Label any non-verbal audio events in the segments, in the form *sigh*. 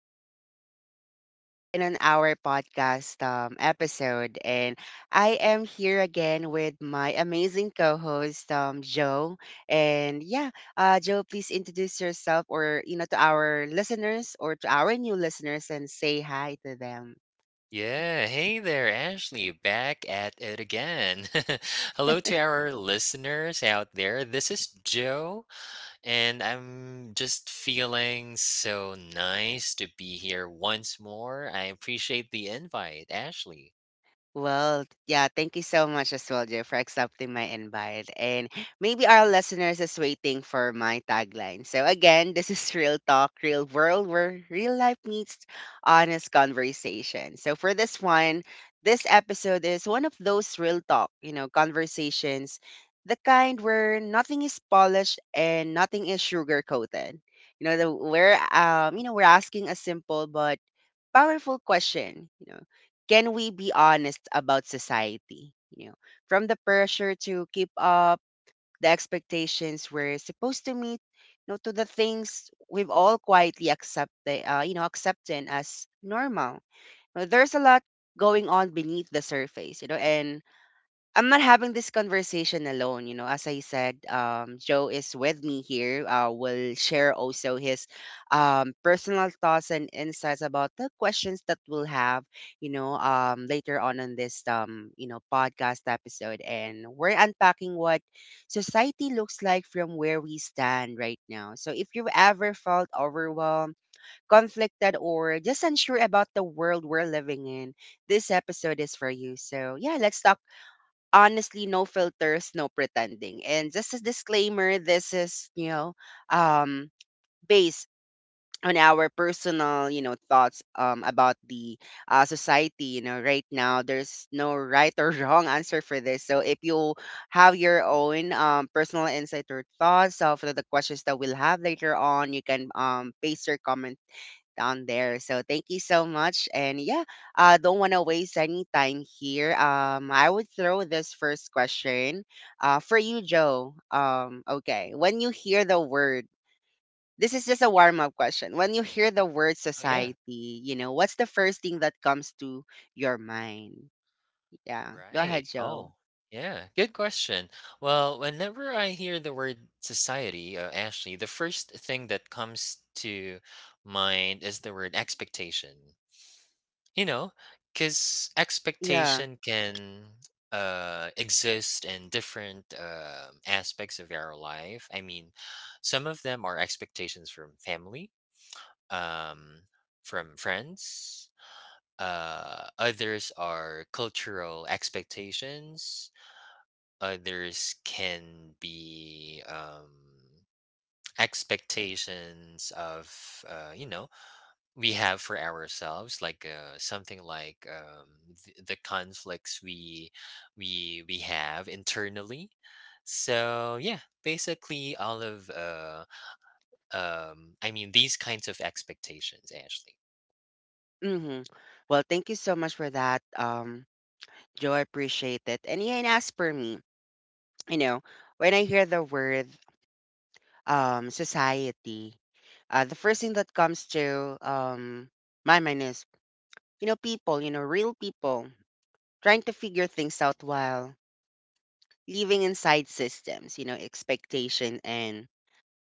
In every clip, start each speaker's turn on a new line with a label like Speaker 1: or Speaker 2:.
Speaker 1: and we're back again on our podcast episode. And I am here again with my amazing co host, Joe. And yeah, Joe, please introduce yourself or, you know, to our listeners or to our new listeners and say hi to them.
Speaker 2: Yeah, hey there, Ashley, back at it again. *laughs* Hello to our listeners out there. This is Joe, and I'm just feeling so nice to be here once more. I appreciate the invite, Ashley.
Speaker 1: Well, yeah, thank you so much as well, Joe, for accepting my invite. And maybe our listeners is waiting for my tagline. So again, this is *laughs* Real Talk, Real World, where real life meets honest conversation. So for this one, this episode is one of those real talk, you know, conversations, the kind where nothing is polished and nothing is sugar coated. You know, the, we're you know, We're asking a simple but powerful question. Can we be honest about society? You know, from the pressure to keep up, the expectations we're supposed to meet, you know, to the things we've all quietly accepted, accepted as normal. You know, there's a lot going on beneath the surface, you know, and I'm not having this conversation alone. You know, as I said, Joe is with me here. Will share also his personal thoughts and insights about the questions that we'll have, you know, later on in this, you know, podcast episode. And we're unpacking what society looks like from where we stand right now. So if you've ever felt overwhelmed, conflicted, or just unsure about the world we're living in, this episode is for you. So yeah, let's talk honestly, no filters, no pretending. And just a disclaimer, this is you know um based on our personal you know thoughts about the society, you know, right now. There's no right or *laughs* wrong answer for this, so if you have your own personal insight or thoughts of the questions that we'll have later on, you can base your comment on there. So thank you so much. And yeah, don't want to waste any time here. I would throw this first question for you, Joe. Okay, when you hear the this is just a warm up question. When you hear the word
Speaker 2: Oh, yeah,
Speaker 1: society, you know, what's the first thing that comes to your mind? Yeah, go
Speaker 2: right.
Speaker 1: ahead, Joe.
Speaker 2: Oh, yeah, good question. Well, whenever I hear the word society, Ashley, the first thing that comes to mind is the word expectation. You know, because
Speaker 1: Yeah.
Speaker 2: expectation can exist in different aspects of our life. I mean, some of them are expectations from family, um, from friends. Others are cultural expectations. Others can be *tsk* expectations of, you know, we have for ourselves, like something, like the conflicts we have internally. So yeah, basically all of I mean, these kinds of expectations, Ashley.
Speaker 1: Mm-hmm. Well, thank you so much for that, Joe. I appreciate it. And yeah, and as per me, you know, when I hear the word society, the first thing that comes to my mind is, you know, people, you know, real people trying to figure things out while living inside systems, you know, expectation and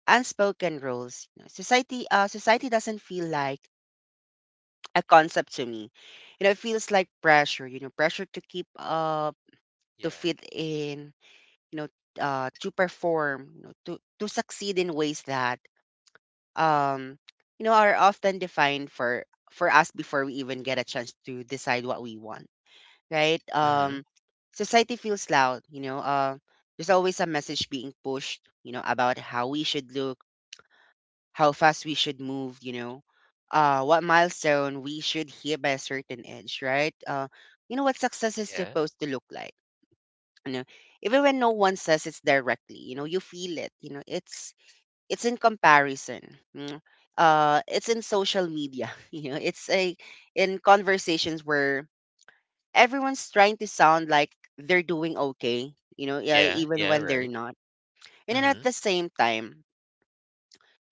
Speaker 1: unspoken rules. You know, society doesn't feel like a concept to me. You know, it feels like pressure, you know, pressure to keep up, to
Speaker 2: Yeah.
Speaker 1: fit in, you know, to perform, you know, to succeed in ways that um you know are often defined for us before we even get a chance to decide what we want, right?
Speaker 2: Mm-hmm.
Speaker 1: Society feels loud, you know. There's always a message being pushed, you know, about how we should look, how fast we should move, you know, what milestone we should hit by a certain age, right? You know, what success is
Speaker 2: Yeah,
Speaker 1: supposed to look like. You know, even when no one says it directly, you know, you feel it. You know, it's in comparison. mm, it's in social media, *laughs* you know. It's a in conversations where everyone's trying to sound like they're doing okay, you know. Yeah,
Speaker 2: yeah,
Speaker 1: even
Speaker 2: yeah,
Speaker 1: when they're
Speaker 2: right.
Speaker 1: not. And then at
Speaker 2: Mm-hmm.
Speaker 1: the same time,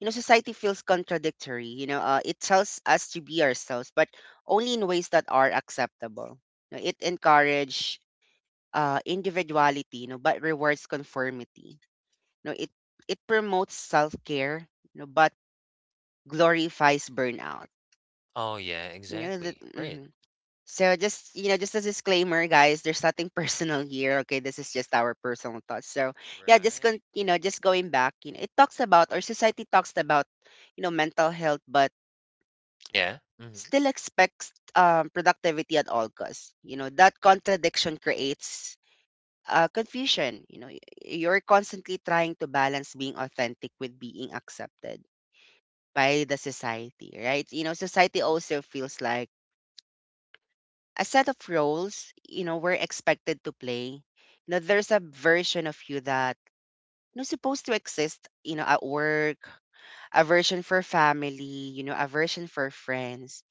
Speaker 1: you know, society feels contradictory, you know. It tells us to be ourselves but only in ways that are acceptable, you know. It encourages individuality, you know, but rewards conformity, you know. It promotes self-care, you know, but glorifies burnout.
Speaker 2: Oh yeah,
Speaker 1: You know that.
Speaker 2: exactly, right.
Speaker 1: Mhm. So just you know, just as a disclaimer, guys, there's nothing *laughs* personal here. Okay, this is just our personal thoughts. So yeah,
Speaker 2: Right,
Speaker 1: you know,
Speaker 2: yeah,
Speaker 1: just going back, you know, it talks about or society talks about you know mental health, but
Speaker 2: yeah. Mm-hmm.
Speaker 1: still expects productivity at all costs. You know that contradiction creates confusion. You know, you're constantly trying to balance being authentic with being accepted by the society, right? You know, society also feels like a set of roles, you know, we're expected to play. You know, there's a version of you that you know supposed to exist, you know, at work, a version for family, you know, a version for friends,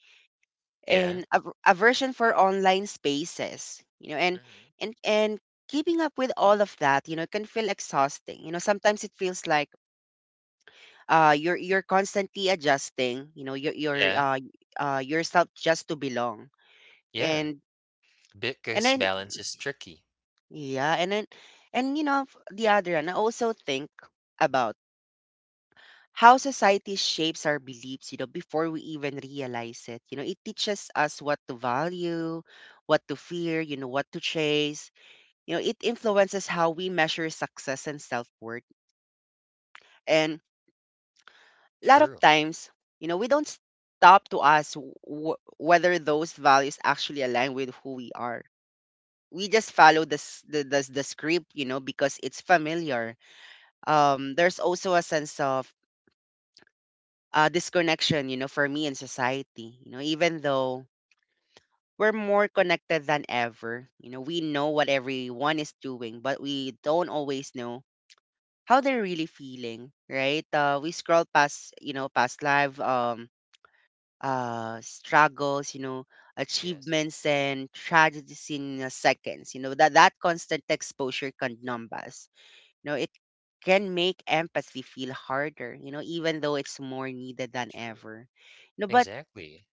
Speaker 2: Yeah.
Speaker 1: and a version for online spaces, you know, and
Speaker 2: Mm-hmm.
Speaker 1: and and keeping up with all of that, you know, can feel exhausting. You know, sometimes it feels like you're constantly adjusting, you know, your your
Speaker 2: Yeah,
Speaker 1: uh uh yourself just to belong.
Speaker 2: yeah,
Speaker 1: And and
Speaker 2: because
Speaker 1: then
Speaker 2: balance is tricky.
Speaker 1: yeah, and then and you know the other one, I also think about how society shapes our beliefs, you know, before we even realize it. You know, it teaches us what to value, what to fear, you know, what to chase. You know, it influences how we measure success and self-worth. And a lot of
Speaker 2: True.
Speaker 1: times, you know, we don't stop to ask whether those values actually align with who we are. We just follow this the script, you know, because it's familiar. There's also a sense of disconnection, you know, for me in society. You know, even though we're more connected than ever, you know, we know what everyone is doing, but we don't always know how they're really feeling, right? We scroll past, you know, past life, struggles, you know,
Speaker 2: Yes.
Speaker 1: achievements and tragedies in seconds. You know that that constant exposure can numb us. You know, it can make empathy feel harder, you know, even though it's more needed than
Speaker 2: True.
Speaker 1: ever. You know, but
Speaker 2: Exactly,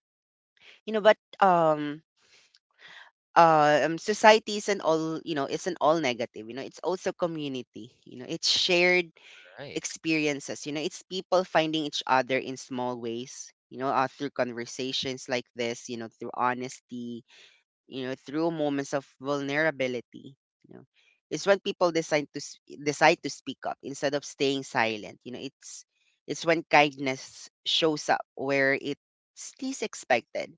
Speaker 1: you know, but um society isn't all you know isn't all negative, you know. It's also community, you know. It's shared
Speaker 2: right.
Speaker 1: experiences, you know. It's people finding each other in small ways, you know, through conversations like this, you know, through honesty, you know, through moments of vulnerability. You know, it's when people decide to decide to speak up instead of staying silent. You know, it's when kindness shows up where it's least expected.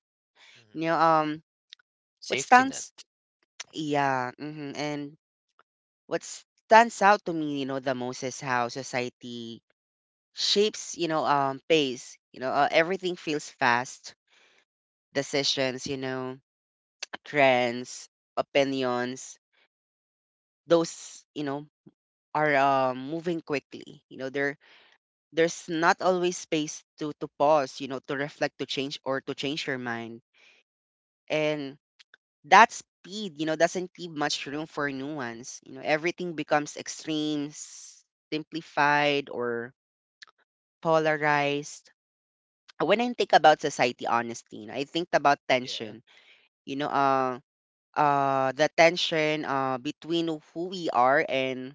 Speaker 1: You
Speaker 2: Mhm.
Speaker 1: know, what
Speaker 2: Safety net.
Speaker 1: stands, *tsk* yeah, hmm and what stands out to me, you know, the most is how society shapes, you know, pace. You know, everything feels fast. Decisions, you know, trends, opinions, those you know are moving quickly. You know, there's not always space to pause. You know, to reflect, to change, or to change your mind. And that speed, you know, doesn't leave much room for nuance. You know, everything becomes extreme, simplified, or polarized. When I think about society, honestly, you know, I think about
Speaker 2: Yeah.
Speaker 1: tension. You know, the tension between who we are and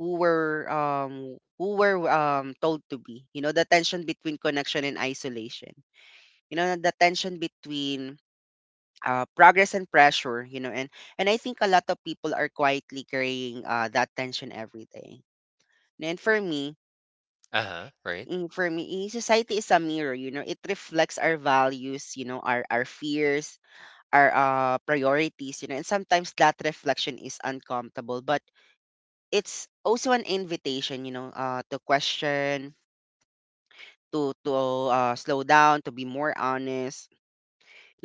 Speaker 1: who we're told to be, you know, the tension between connection and isolation, you know, the tension between progress and pressure, you know. And I think a lot of people are quietly carrying that tension every day. And for me
Speaker 2: Uh-huh, right.
Speaker 1: mm, for me eh, society is a mirror, you know. It reflects our values, you know, our fears, our priorities, you know. And sometimes that reflection is uncomfortable, but it's also an invitation, you know, to question, to slow down, to be more honest, you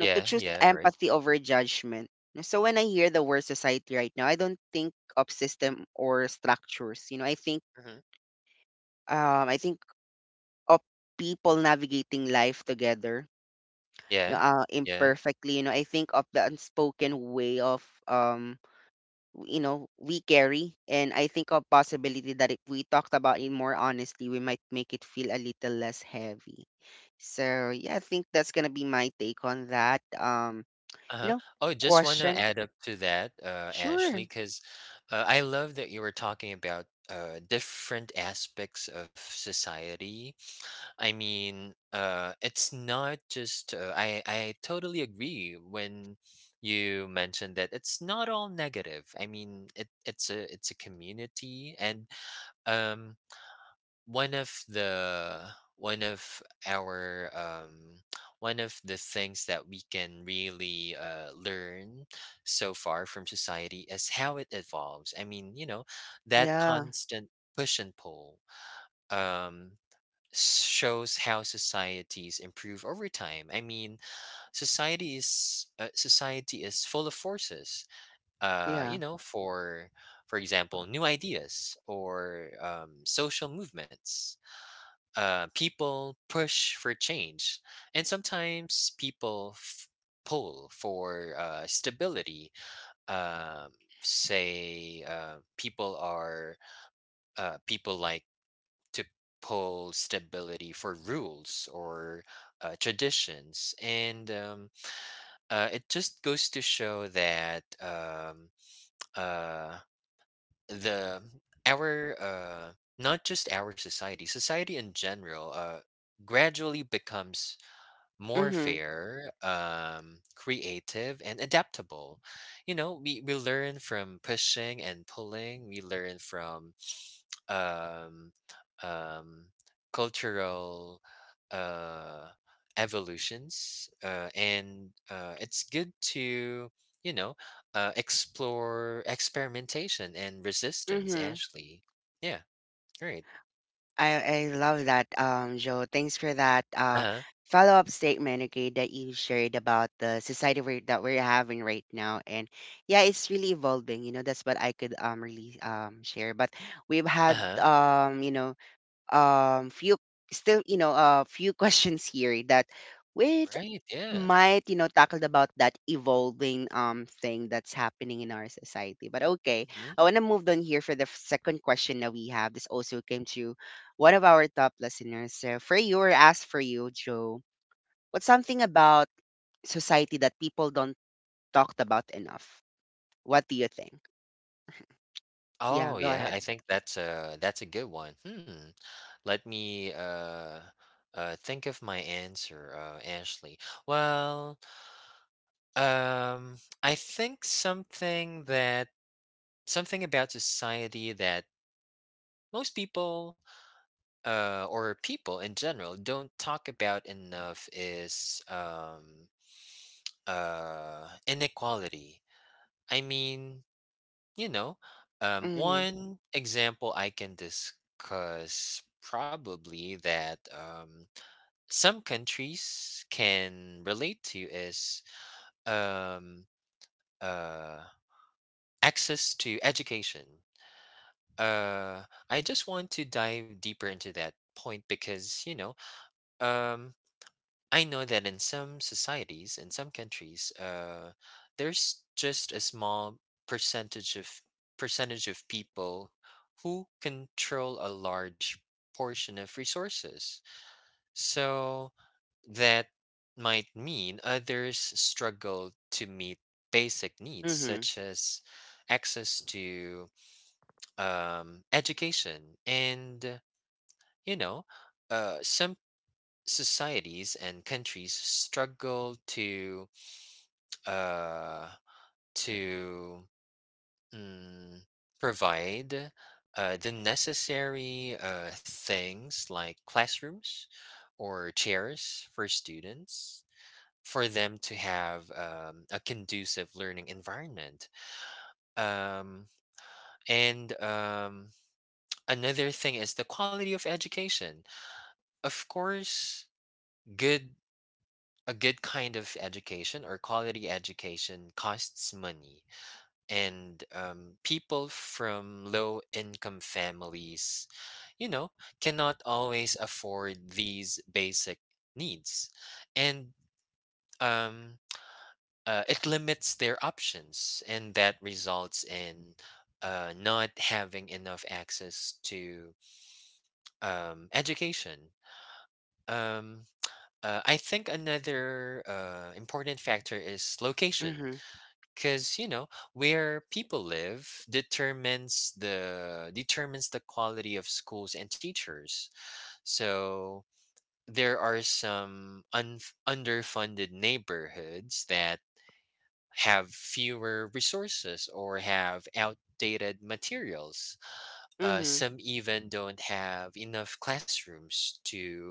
Speaker 1: know, to choose
Speaker 2: yeah, right.
Speaker 1: empathy over judgment. No, so when I hear the word society right now, I don't think of system or structures. You know,
Speaker 2: Mhm.
Speaker 1: I think of people navigating life together. You know,
Speaker 2: Yeah, yeah,
Speaker 1: imperfectly. You know, I think of the unspoken way of you know, we carry, and I think of possibility that if we talked about it more honestly, we might make it feel a little less heavy. So yeah, I think that's gonna be my take on that. You
Speaker 2: uh-huh.
Speaker 1: know,
Speaker 2: Oh, just wanna
Speaker 1: question.
Speaker 2: add up to that, Ashley,
Speaker 1: Sure.
Speaker 2: because I love that you were talking about, different aspects of society. I mean, it's not just, I totally agree when you mentioned that it's not all negative. I mean, it's a community. And um one of the one of our *tsk* one of the things that we can really learn so far from society is how it evolves. I mean, you know, that
Speaker 1: Yeah.
Speaker 2: constant push and pull um shows how societies improve over time. I mean, society is full of forces.
Speaker 1: Yeah.
Speaker 2: You know, for example, new ideas or social movements. People push for change, and sometimes people pull for stability. Um, Say people are, people like to pull stability for rules or traditions, and it just goes to show that uh, the our, not just our society, society in general, gradually becomes more
Speaker 1: Mhm.
Speaker 2: fair, creative, and adaptable. You know, we learn from pushing and pulling. We learn from um, um, cultural, uh, evolutions, and it's good to, you know, explore experimentation and resistance.
Speaker 1: Mhm.
Speaker 2: Actually, yeah, right.
Speaker 1: I love that. Joe. Thanks for that.
Speaker 2: Uh huh.
Speaker 1: Follow up statement. Okay, that you shared about the society we're, that we're having right now, and yeah, it's really evolving. You know, that's what I could really share. But we've
Speaker 2: Uh
Speaker 1: had
Speaker 2: huh.
Speaker 1: you know few still you know a few *laughs* questions here that. Wait
Speaker 2: Right. Yeah.
Speaker 1: might tackled about that evolving thing that's happening in our society, but okay,
Speaker 2: Mm-hmm.
Speaker 1: I want to move on here for the second question that we have. This also came to one of our top listeners, so for you, or asked for you, Joe: what's something about society that people don't talk about enough? What do you think? Yeah,
Speaker 2: Oh
Speaker 1: go
Speaker 2: yeah,
Speaker 1: ahead.
Speaker 2: I think that's a good one. Hmm. Let me think of my answer, Ashley. Well, um I think something about society that most people or people in general don't talk about enough is inequality. I mean, you know,
Speaker 1: Mm-hmm.
Speaker 2: one example I can discuss, probably that some countries can relate to, is um, uh, access to education. Uh, I just want to dive deeper into that point, because, you know, um, I know that in some societies, in some countries, there's just a small percentage of percentage of people who control a large portion of resources. So that might mean others struggle to meet basic needs,
Speaker 1: Mm-hmm.
Speaker 2: such as access to education. And, you know, some societies and countries struggle to, uh, to mm, provide the necessary things, like classrooms or chairs for students, for them to have a conducive learning environment. Um, and Another thing is the quality of education. Of course, good a good kind of education, or quality education, costs money. And people from low income families, you know, cannot always afford these basic needs. And um, it limits their options, and that results in, not having enough access to education. um, I think another important factor is location,
Speaker 1: Mm-hmm.
Speaker 2: because, you know, where people live determines the quality of schools and teachers. So there are some underfunded neighborhoods that have fewer resources, or have outdated materials.
Speaker 1: Mm-hmm.
Speaker 2: Some even don't have enough classrooms to,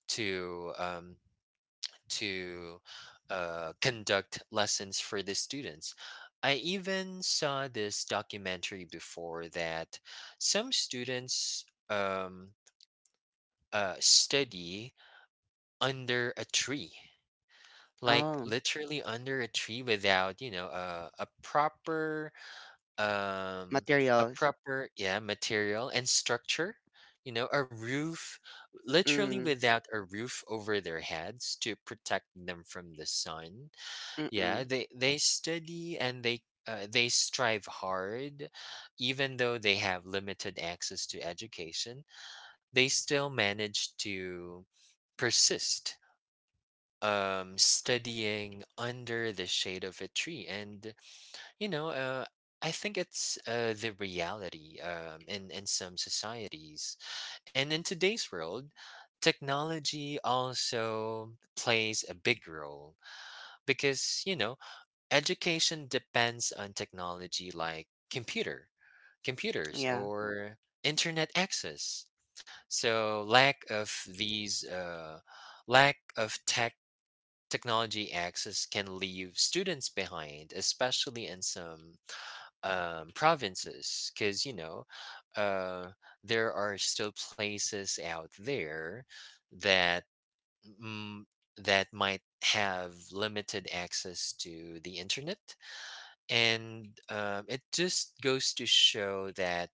Speaker 2: to um, to conduct lessons for the students. I even saw this documentary before, that some students study under a tree, like
Speaker 1: Oh.
Speaker 2: literally under a tree, without, you know, a proper, um,
Speaker 1: Materials.
Speaker 2: yeah, material and structure. You know, a roof, literally
Speaker 1: Mm-hmm.
Speaker 2: without a roof over their heads to protect them from the sun. Yeah,
Speaker 1: Mm-mm.
Speaker 2: they study, and they strive hard, even though they have limited access to education. They still manage to persist, studying under the shade of a tree. And, you know, I think it's the reality in some societies. And in today's world, technology also plays a big role, because, you know, education depends on technology, like computers
Speaker 1: Yeah.
Speaker 2: or internet access. So lack of these, lack of tech technology access, can leave students behind, especially in some provinces, because, you know, uh, there are still places out there that, mm, that might have limited access to the internet. And it just goes to show that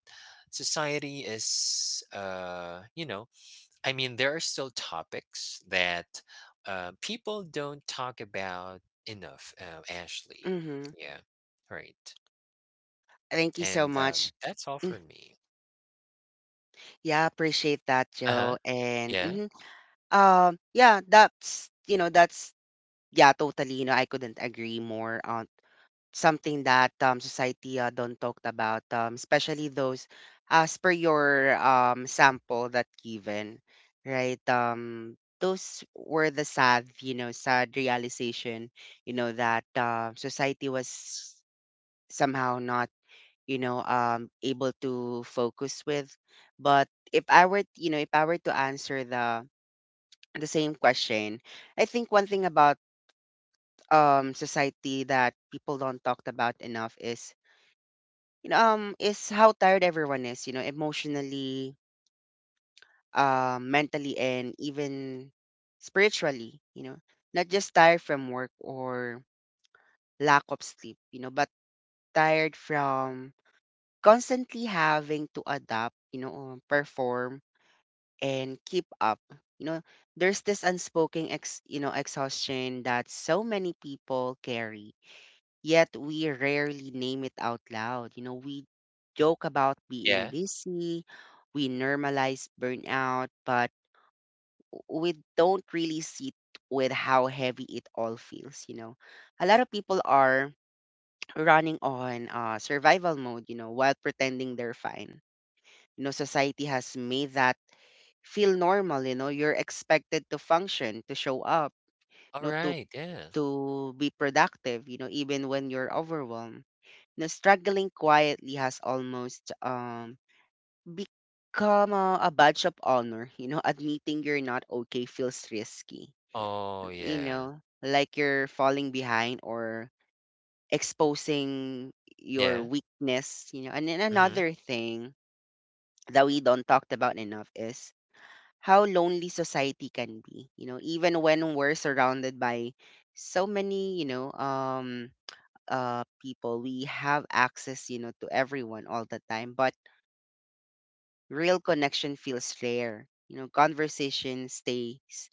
Speaker 2: society is, you know, I mean, there are still topics that people don't talk about enough, Ashley.
Speaker 1: Mm-hmm.
Speaker 2: Yeah, right.
Speaker 1: Thank you so
Speaker 2: And
Speaker 1: much.
Speaker 2: that's all for me.
Speaker 1: Yeah, appreciate that,
Speaker 2: Uh-huh.
Speaker 1: Joe. And
Speaker 2: Yeah,
Speaker 1: mhm. Yeah, that's you know that's yeah, totally. I couldn't agree more on something that society don't talk about, especially those as per your sample that given, right? Those were the sad, sad realization, that society was somehow not able to focus with. But if I were you know if I were to answer the same question, I think one thing about society that people don't talk about enough is, is how tired everyone is, emotionally, mentally, and even spiritually. Not just tired from work or lack of sleep, but tired from constantly having to adapt, perform, and keep up. You know, there's this unspoken exhaustion that so many people carry, yet we rarely name it out loud. We joke about being
Speaker 2: yeah.
Speaker 1: busy, we normalize burnout, but we don't really sit with how heavy it all feels. A lot of people are running on survival mode, while pretending they're fine. Society has made that feel normal. You're expected to function, to show up,
Speaker 2: All
Speaker 1: to
Speaker 2: right, yeah.
Speaker 1: to be productive, even when you're overwhelmed. Struggling quietly has almost become a badge of honor. You know, *laughs* Admitting you're not okay feels risky.
Speaker 2: Oh yeah,
Speaker 1: Like you're falling behind or exposing your
Speaker 2: yeah.
Speaker 1: weakness. And then
Speaker 2: Mm-hmm.
Speaker 1: another thing that we don't talked about enough is how lonely society can be, even when we're surrounded by so many, people. We have access, to everyone all the time, but real connection feels rare. Conversation stays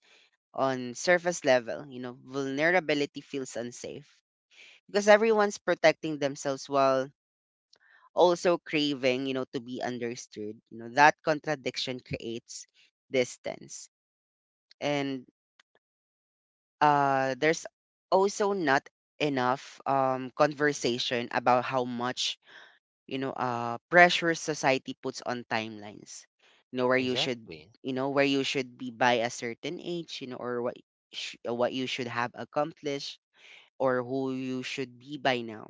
Speaker 1: on surface level. Vulnerability feels unsafe because everyone's protecting themselves while also craving, to be understood. That contradiction creates distance. And there's also not enough
Speaker 2: Mm-hmm,
Speaker 1: conversation about how much pressure society puts on timelines, you know where you should
Speaker 2: exactly.
Speaker 1: you know where you should be by a certain age, or what you should have accomplished, or who you should be by now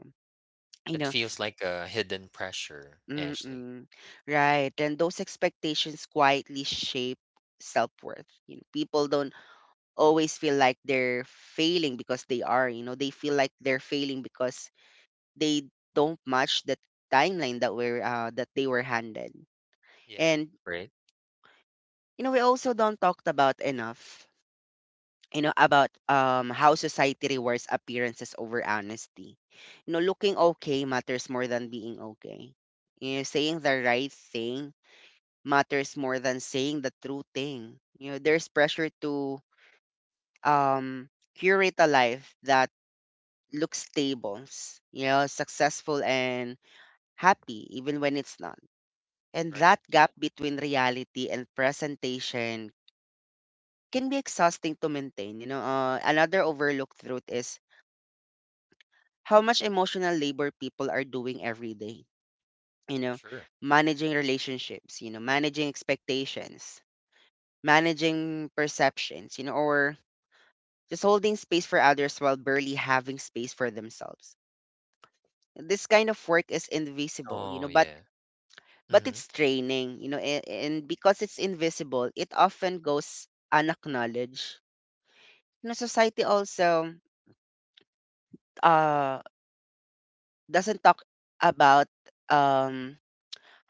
Speaker 1: you
Speaker 2: It
Speaker 1: know
Speaker 2: feels like a hidden pressure, Ashley.
Speaker 1: mm-mm. Right, and those expectations quietly shape self-worth. People don't always feel like they're failing because they are, they feel like they're failing because they don't match the timeline that they were handed.
Speaker 2: Yeah,
Speaker 1: And,
Speaker 2: right.
Speaker 1: we also don't talk about enough, about how society rewards appearances over honesty. Looking okay matters more than being okay. Saying the right thing matters more than saying the true thing. There's pressure to um curate a life that look stable, successful and happy, even when it's not. And that
Speaker 2: Right,
Speaker 1: gap
Speaker 2: yeah.
Speaker 1: between reality and presentation can be exhausting to maintain. Another overlooked truth is how much emotional labor people are doing every day. You know,
Speaker 2: Sure.
Speaker 1: Managing relationships, managing expectations, managing perceptions, or just holding space for others while barely having space for themselves. This kind of work is invisible,
Speaker 2: Oh,
Speaker 1: but
Speaker 2: yeah. Mhm.
Speaker 1: it's training, and, because it's invisible, it often goes unacknowledged. Society also uh doesn't talk about um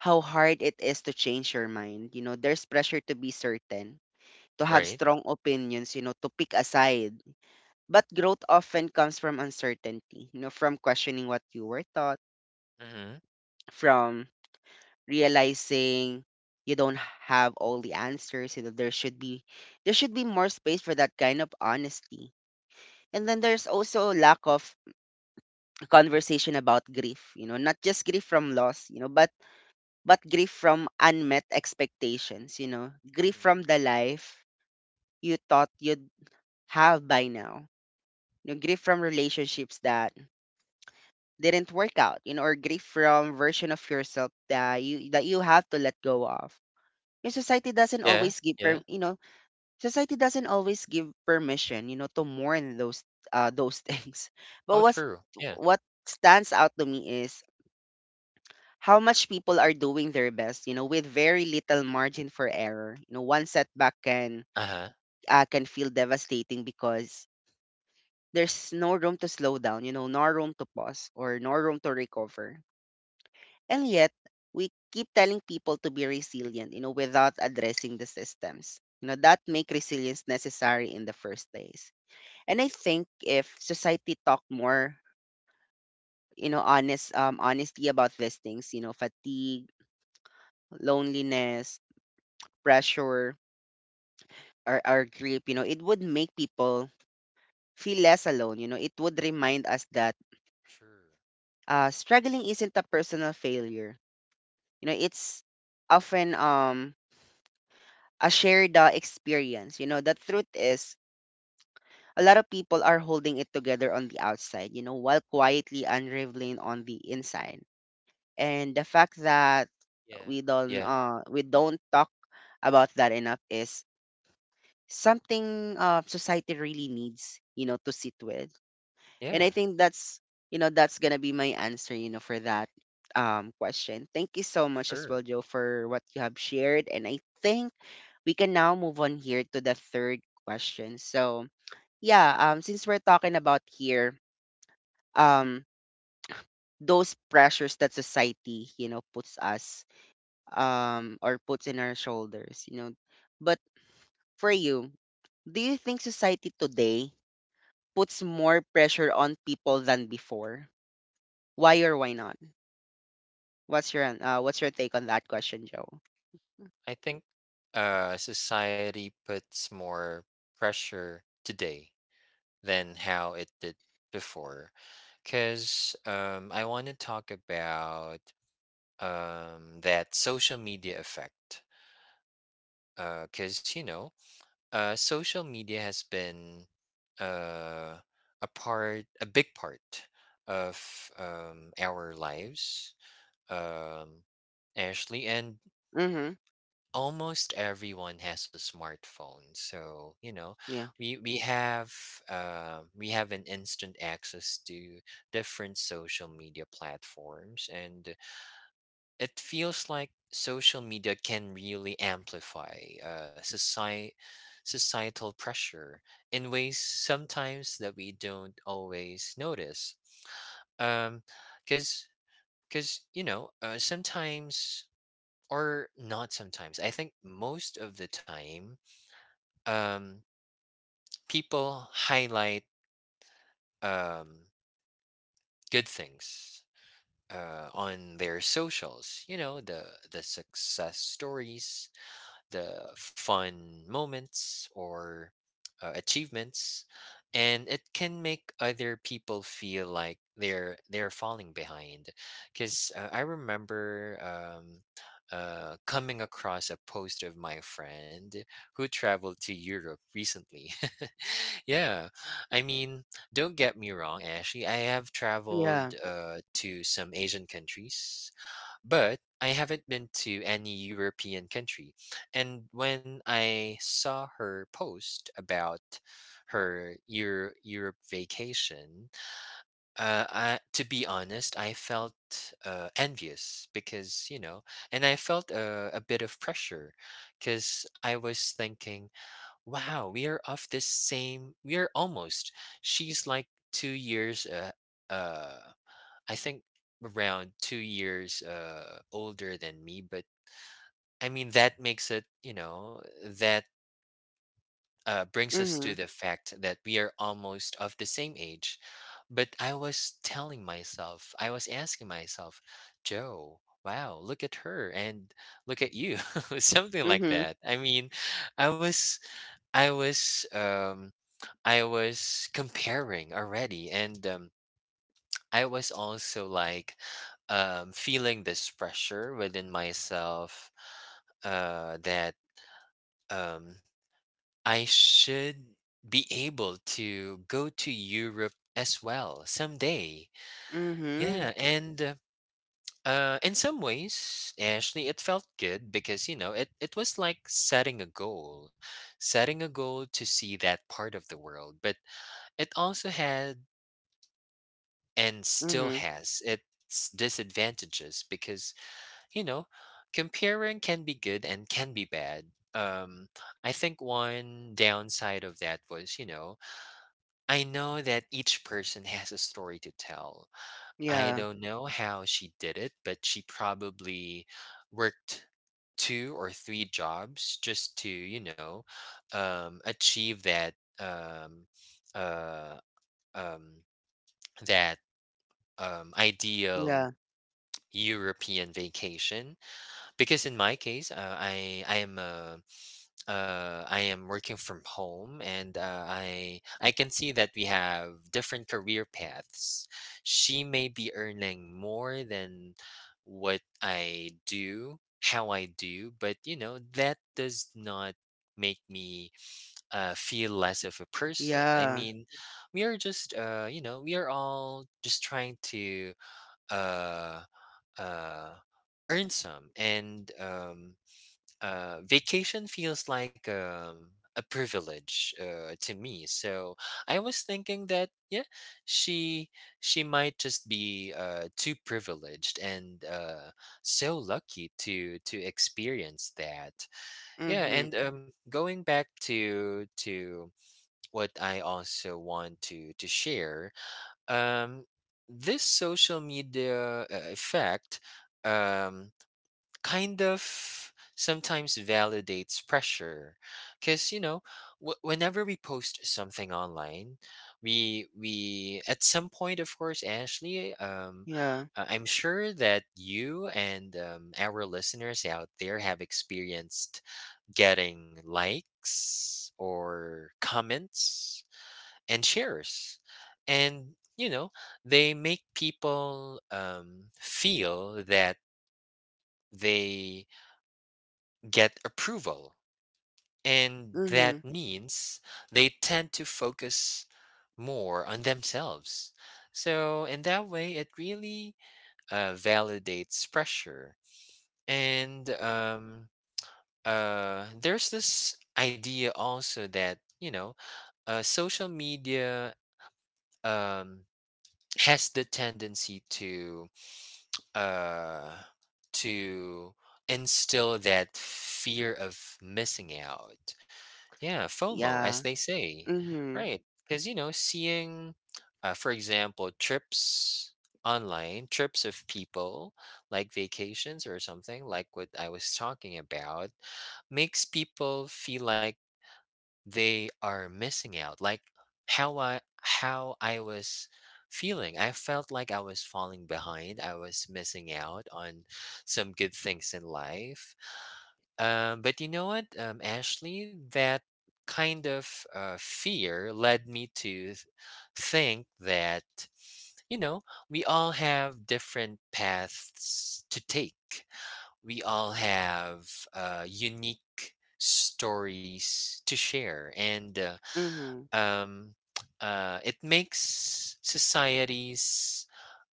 Speaker 1: how hard it is to change your mind. There's pressure to be certain, to have
Speaker 2: Right.
Speaker 1: strong opinions, to pick a side. But growth often comes from uncertainty, from questioning what you were taught,
Speaker 2: Mhm.
Speaker 1: from realizing you don't have all the answers. There should be more space for that kind of honesty. And then there's also lack of conversation about grief. Not just grief from loss, but grief from unmet expectations, grief
Speaker 2: Mhm.
Speaker 1: from the life you thought you'd have by now, grief from relationships that didn't work out, or grief from version of yourself that you have to let go of. Your society doesn't
Speaker 2: Yeah,
Speaker 1: always give
Speaker 2: yeah.
Speaker 1: per, you know society doesn't always give permission, to mourn those *laughs* things. But
Speaker 2: Oh,
Speaker 1: what
Speaker 2: true. Yeah.
Speaker 1: what stands out to me is how much people are doing their best, with very little margin for error. One setback can
Speaker 2: Uh-huh.
Speaker 1: uh, can feel devastating because there's no room to slow down, no room to pause or no room to recover. And yet, we keep telling people to be resilient, without addressing the systems, that make resilience necessary in the first place. And I think if society talked more, honest honesty about these things, fatigue, loneliness, pressure, or grief, it would make people feel less alone. It would remind us that
Speaker 2: Sure.
Speaker 1: struggling isn't a personal failure. It's often a shared experience. The truth is a lot of people are holding it together on the outside, while quietly unraveling on the inside. And the fact that
Speaker 2: Yeah.
Speaker 1: we don't
Speaker 2: Yeah.
Speaker 1: uh we don't talk about that enough is something society really needs, to sit with. And I
Speaker 2: Yeah.
Speaker 1: think that's you know that's gonna be my answer, for that question. Thank you so much as well,
Speaker 2: Sure.
Speaker 1: Joe, for what you have shared. And I think we can now move on here to the third question. So yeah, since we're talking about here, um those pressures that society, puts us, or puts in our shoulders. But for you, do you think society today puts more pressure on people than before? Why or why not? What's your what's your take on that question, Joe?
Speaker 2: I think society puts more pressure today than how it did before. Cause I want to talk about that social media effect. Cause, you know, social media has been, uh, a part, a big part of our lives, um, Ashley, and
Speaker 1: Mhm.
Speaker 2: almost everyone has a smartphone. So, you know,
Speaker 1: Yeah.
Speaker 2: we we have we have an instant access to different social media platforms, and it feels like social media can really amplify, uh, soci- societal pressure in ways, sometimes, that we don't always notice, um because you know, sometimes, or not sometimes, I think most of the time, um people highlight um good things on their socials. You know, the success stories, the fun moments, or achievements. And it can make other people feel like they're falling behind. Because, I remember, coming across a post of my friend who traveled to Europe recently. *laughs* Yeah, I mean, don't get me wrong, Ashley, I have
Speaker 1: Yeah.
Speaker 2: traveled to some Asian countries, but I haven't been to any European country. And when I saw her post about her Europe vacation, I, to be honest, I felt envious, because, you know, and I felt a bit of pressure, because I was thinking, wow, we are of this same, we are almost, she's like 2 years uh, I think around 2 years older than me. But I mean, that makes it, you know, that brings us to
Speaker 1: Mhm.
Speaker 2: the fact that we are almost of the same age. But I was telling myself, I was asking myself, Joe, wow, look at her, and look at you, *laughs* something like
Speaker 1: Mhm.
Speaker 2: that. I mean, I was, I was, um, I was comparing already. And I was also, like, feeling this pressure within myself, that um, I should be able to go to Europe as well someday.
Speaker 1: Mhm.
Speaker 2: Yeah, and in some ways, Ashley, it felt good, because, you know, it was like setting a goal to see that part of the world. But it also had, and still
Speaker 1: Mhm.
Speaker 2: has, its disadvantages, because, you know, comparing can be good and can be bad. Um, I think one downside of that was, you know, I know that each person *laughs* has a story to tell. I
Speaker 1: Yeah.
Speaker 2: don't know how she did it, but she probably worked two or three jobs just to, you know, achieve that, um, uh, um, that, ideal
Speaker 1: Yeah.
Speaker 2: European vacation. Because in my case, I am working from home, and I can see that we have different career paths. She may be earning more than what I do, how I do, but, you know, that does not make me, feel less of a person. I
Speaker 1: Yeah.
Speaker 2: mean, we are just you know, we are all just trying to uh, uh, earn some. And vacation feels like, a privilege, to me. So I was thinking that, yeah, she she might just be, too privileged, and, so lucky to, experience that. Yeah,
Speaker 1: Mhm.
Speaker 2: and going back to what I also want to share, um, this social media effect. Um, Kind of sometimes validates pressure because you know whenever we post something online we at some point, of course, Ashley,
Speaker 1: Yeah.
Speaker 2: I'm sure that you and our listeners out there have experienced getting likes or comments and shares and you know they make people feel that they get approval. And that
Speaker 1: Mhm.
Speaker 2: means they tend to focus more on themselves. So, in that way, it really validates pressure. And there's this idea also that, you know, social media um, has the tendency to, uh, to instill that fear of missing out. Yeah, FOMO, as
Speaker 1: Yeah.
Speaker 2: they say,
Speaker 1: Mhm.
Speaker 2: right? Because you know, seeing, for example, trips online, trips of people like vacations or something like what I was talking about, makes people feel like they are missing out. Like how I was feeling. I felt like I was falling behind. I was missing out on some good things in life, but you know what, Ashley, that kind of fear led me to think that, you know, we all have different paths to take. We all have unique stories to share. And
Speaker 1: Mhm.
Speaker 2: um, *tsk* it makes societies,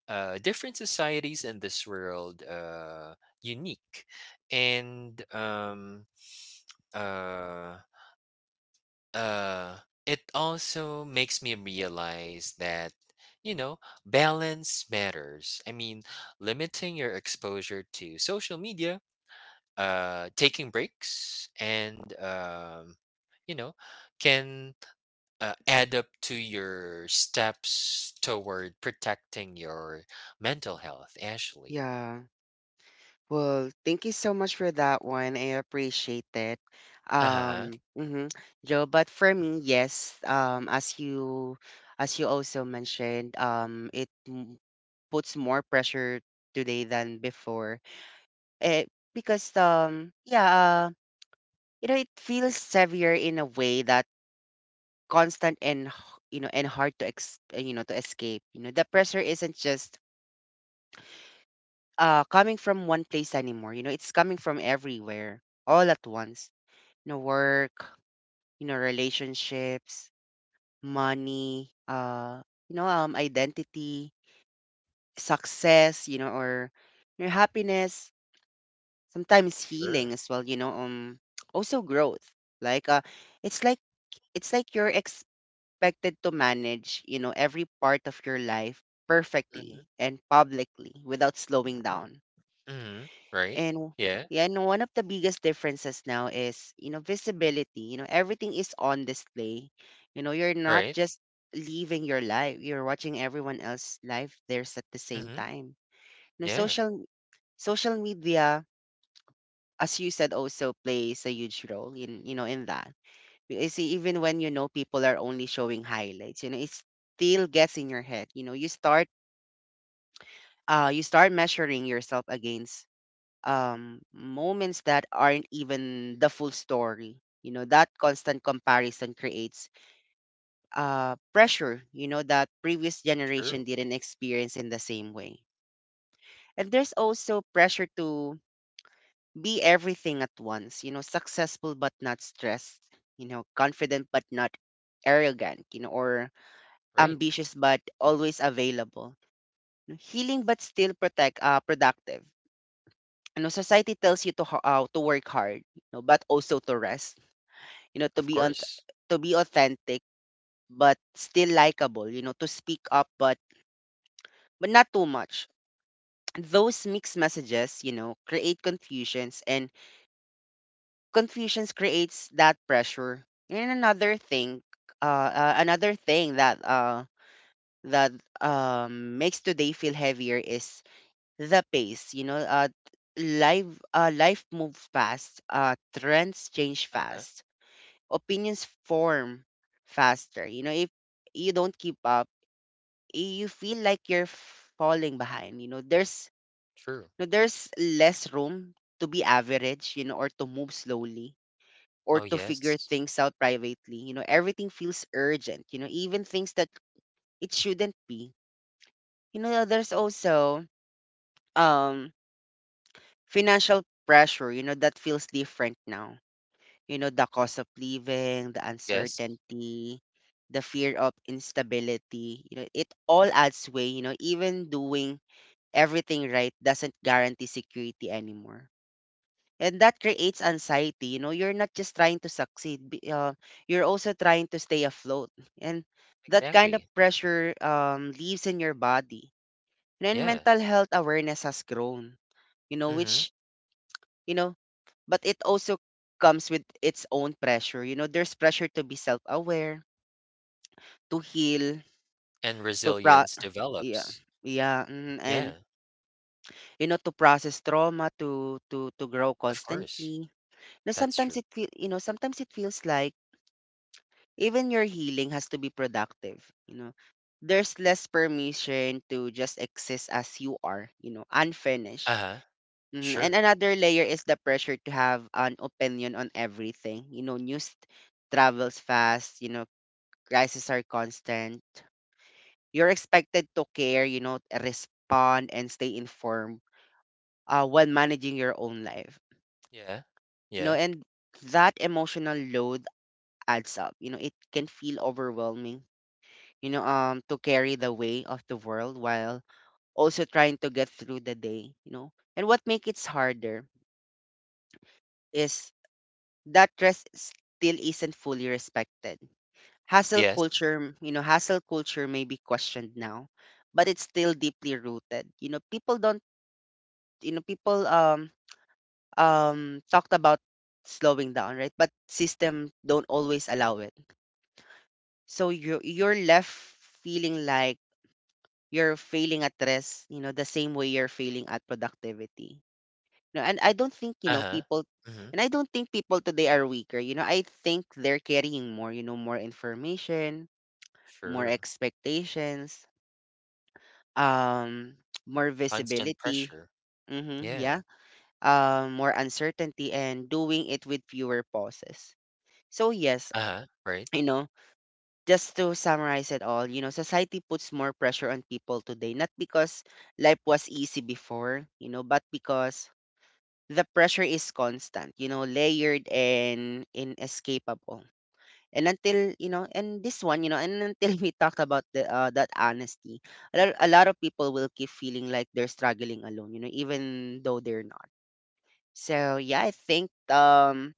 Speaker 2: different societies in this world, unique. And uh uh it also makes me realize that you know balance matters. I mean, limiting your exposure to social media, taking breaks, and you know, can add up to your steps toward protecting your mental health, Ashley.
Speaker 1: Yeah. Well, thank you so much for that one. I appreciate it.
Speaker 2: Uh-huh.
Speaker 1: Um, mhm. Joe, but for me, yes, as you also mentioned, puts more pressure today than before. Eh, because yeah, it feels heavier in a way that constant and hard to to escape. The pressure isn't just coming from one place anymore. It's coming from everywhere, all at once. Work, relationships, money, identity, success, or, happiness, sometimes healing
Speaker 2: Sure.
Speaker 1: as well, *tsk* also growth. Like, it's like it's like you're expected to manage, every part of your life
Speaker 2: Mm-hmm.
Speaker 1: perfectly and publicly without slowing down.
Speaker 2: Mm-hmm. Right.
Speaker 1: And
Speaker 2: Yeah,
Speaker 1: yeah, and one of the biggest differences now is, visibility. Everything is on display. You're not
Speaker 2: right.
Speaker 1: just living your life, you're watching everyone else's life theirs at the same
Speaker 2: Mm-hmm.
Speaker 1: time. You know,
Speaker 2: Yeah.
Speaker 1: social social media, as you said, also plays a huge role in, in that. You see, even when you know people are only showing highlights, it still gets in your head. You start measuring yourself against moments that aren't even the full story. That constant comparison creates pressure, that previous generation
Speaker 2: True.
Speaker 1: didn't experience in the same way. And there's also pressure to be everything at once, successful but not stressed, confident but not arrogant, or
Speaker 2: Right.
Speaker 1: ambitious but always available, healing but still protect productive. Society tells you to work hard, but also to rest. you know to
Speaker 2: Of
Speaker 1: be on
Speaker 2: course.
Speaker 1: to be authentic but still likable. To speak up, but not too much. Those mixed messages, create confusions, and confusions creates that pressure. And another thing that makes today feel heavier is the pace. Life moves fast. Trends change
Speaker 2: Uh-huh.
Speaker 1: fast. Opinions form faster. If you don't keep up, you feel like you're falling behind. There's
Speaker 2: True.
Speaker 1: no, There's less room to be average, or to move slowly
Speaker 2: Oh,
Speaker 1: or to figure
Speaker 2: yes.
Speaker 1: things out privately. Everything feels urgent, even things that it shouldn't be. There's also um financial pressure, that feels different now. The cost of living, the
Speaker 2: Yes.
Speaker 1: uncertainty, the fear of instability, it all adds way, even doing everything right doesn't guarantee security anymore. And that creates anxiety. You know, you're not just trying to succeed, you're also trying to stay afloat. And that kind of
Speaker 2: Exactly.
Speaker 1: pressure lives in your body. And
Speaker 2: Yeah.
Speaker 1: mental health awareness has grown, you know,
Speaker 2: Mm-hmm.
Speaker 1: you know, but it also comes with its own pressure. You know, there's pressure to be self-aware, to heal,
Speaker 2: And
Speaker 1: to pro
Speaker 2: resilience
Speaker 1: yeah.
Speaker 2: develops.
Speaker 1: Yeah, mhm, and
Speaker 2: Yeah.
Speaker 1: you know to process trauma, to grow
Speaker 2: Of course.
Speaker 1: constantly. Now
Speaker 2: That's true.
Speaker 1: sometimes it feels like even your healing has to be productive, you know. There's less permission to just exist as you are, you know, unfinished.
Speaker 2: Uh-huh.
Speaker 1: Mhm. And
Speaker 2: Sure.
Speaker 1: another layer is the pressure to have an opinion on everything. You know, news travels fast, you know, crises are constant. You're expected to care, you know, respond and stay informed while managing your own life.
Speaker 2: Yeah.
Speaker 1: You know,
Speaker 2: Yeah.
Speaker 1: and that emotional load adds up. You know, it can feel overwhelming, you know, to carry the weight of the world while also trying to get through the day, you know. And what makes it harder is that rest still isn't fully respected.
Speaker 2: Yes.
Speaker 1: Hustle culture may be questioned now, but it's still deeply rooted. You know, people talked about slowing down, right? But system don't always allow it. So you're left feeling like you're failing at rest, you know, the same way you're failing at productivity. No,
Speaker 2: Uh-huh. Mm-hmm.
Speaker 1: and I don't think people today are weaker. You know, I think they're carrying more, you know, more information, more
Speaker 2: Sure.
Speaker 1: expectations, um, *tsk* more
Speaker 2: Constant
Speaker 1: visibility.
Speaker 2: pressure.
Speaker 1: Mm-hmm,
Speaker 2: Yeah.
Speaker 1: yeah. More uncertainty and doing it with fewer pauses. So yes,
Speaker 2: Uh-huh. Right.
Speaker 1: you know, just to summarize it all, you know, society puts more pressure on people today, not because life was easy before, you know, but because the pressure is constant, you know, layered and inescapable. And until, you know, and this one, you know, and until *laughs* we talked about the that honesty, a lot of people will keep feeling like they're struggling alone, you know, even though they're not. So yeah, I think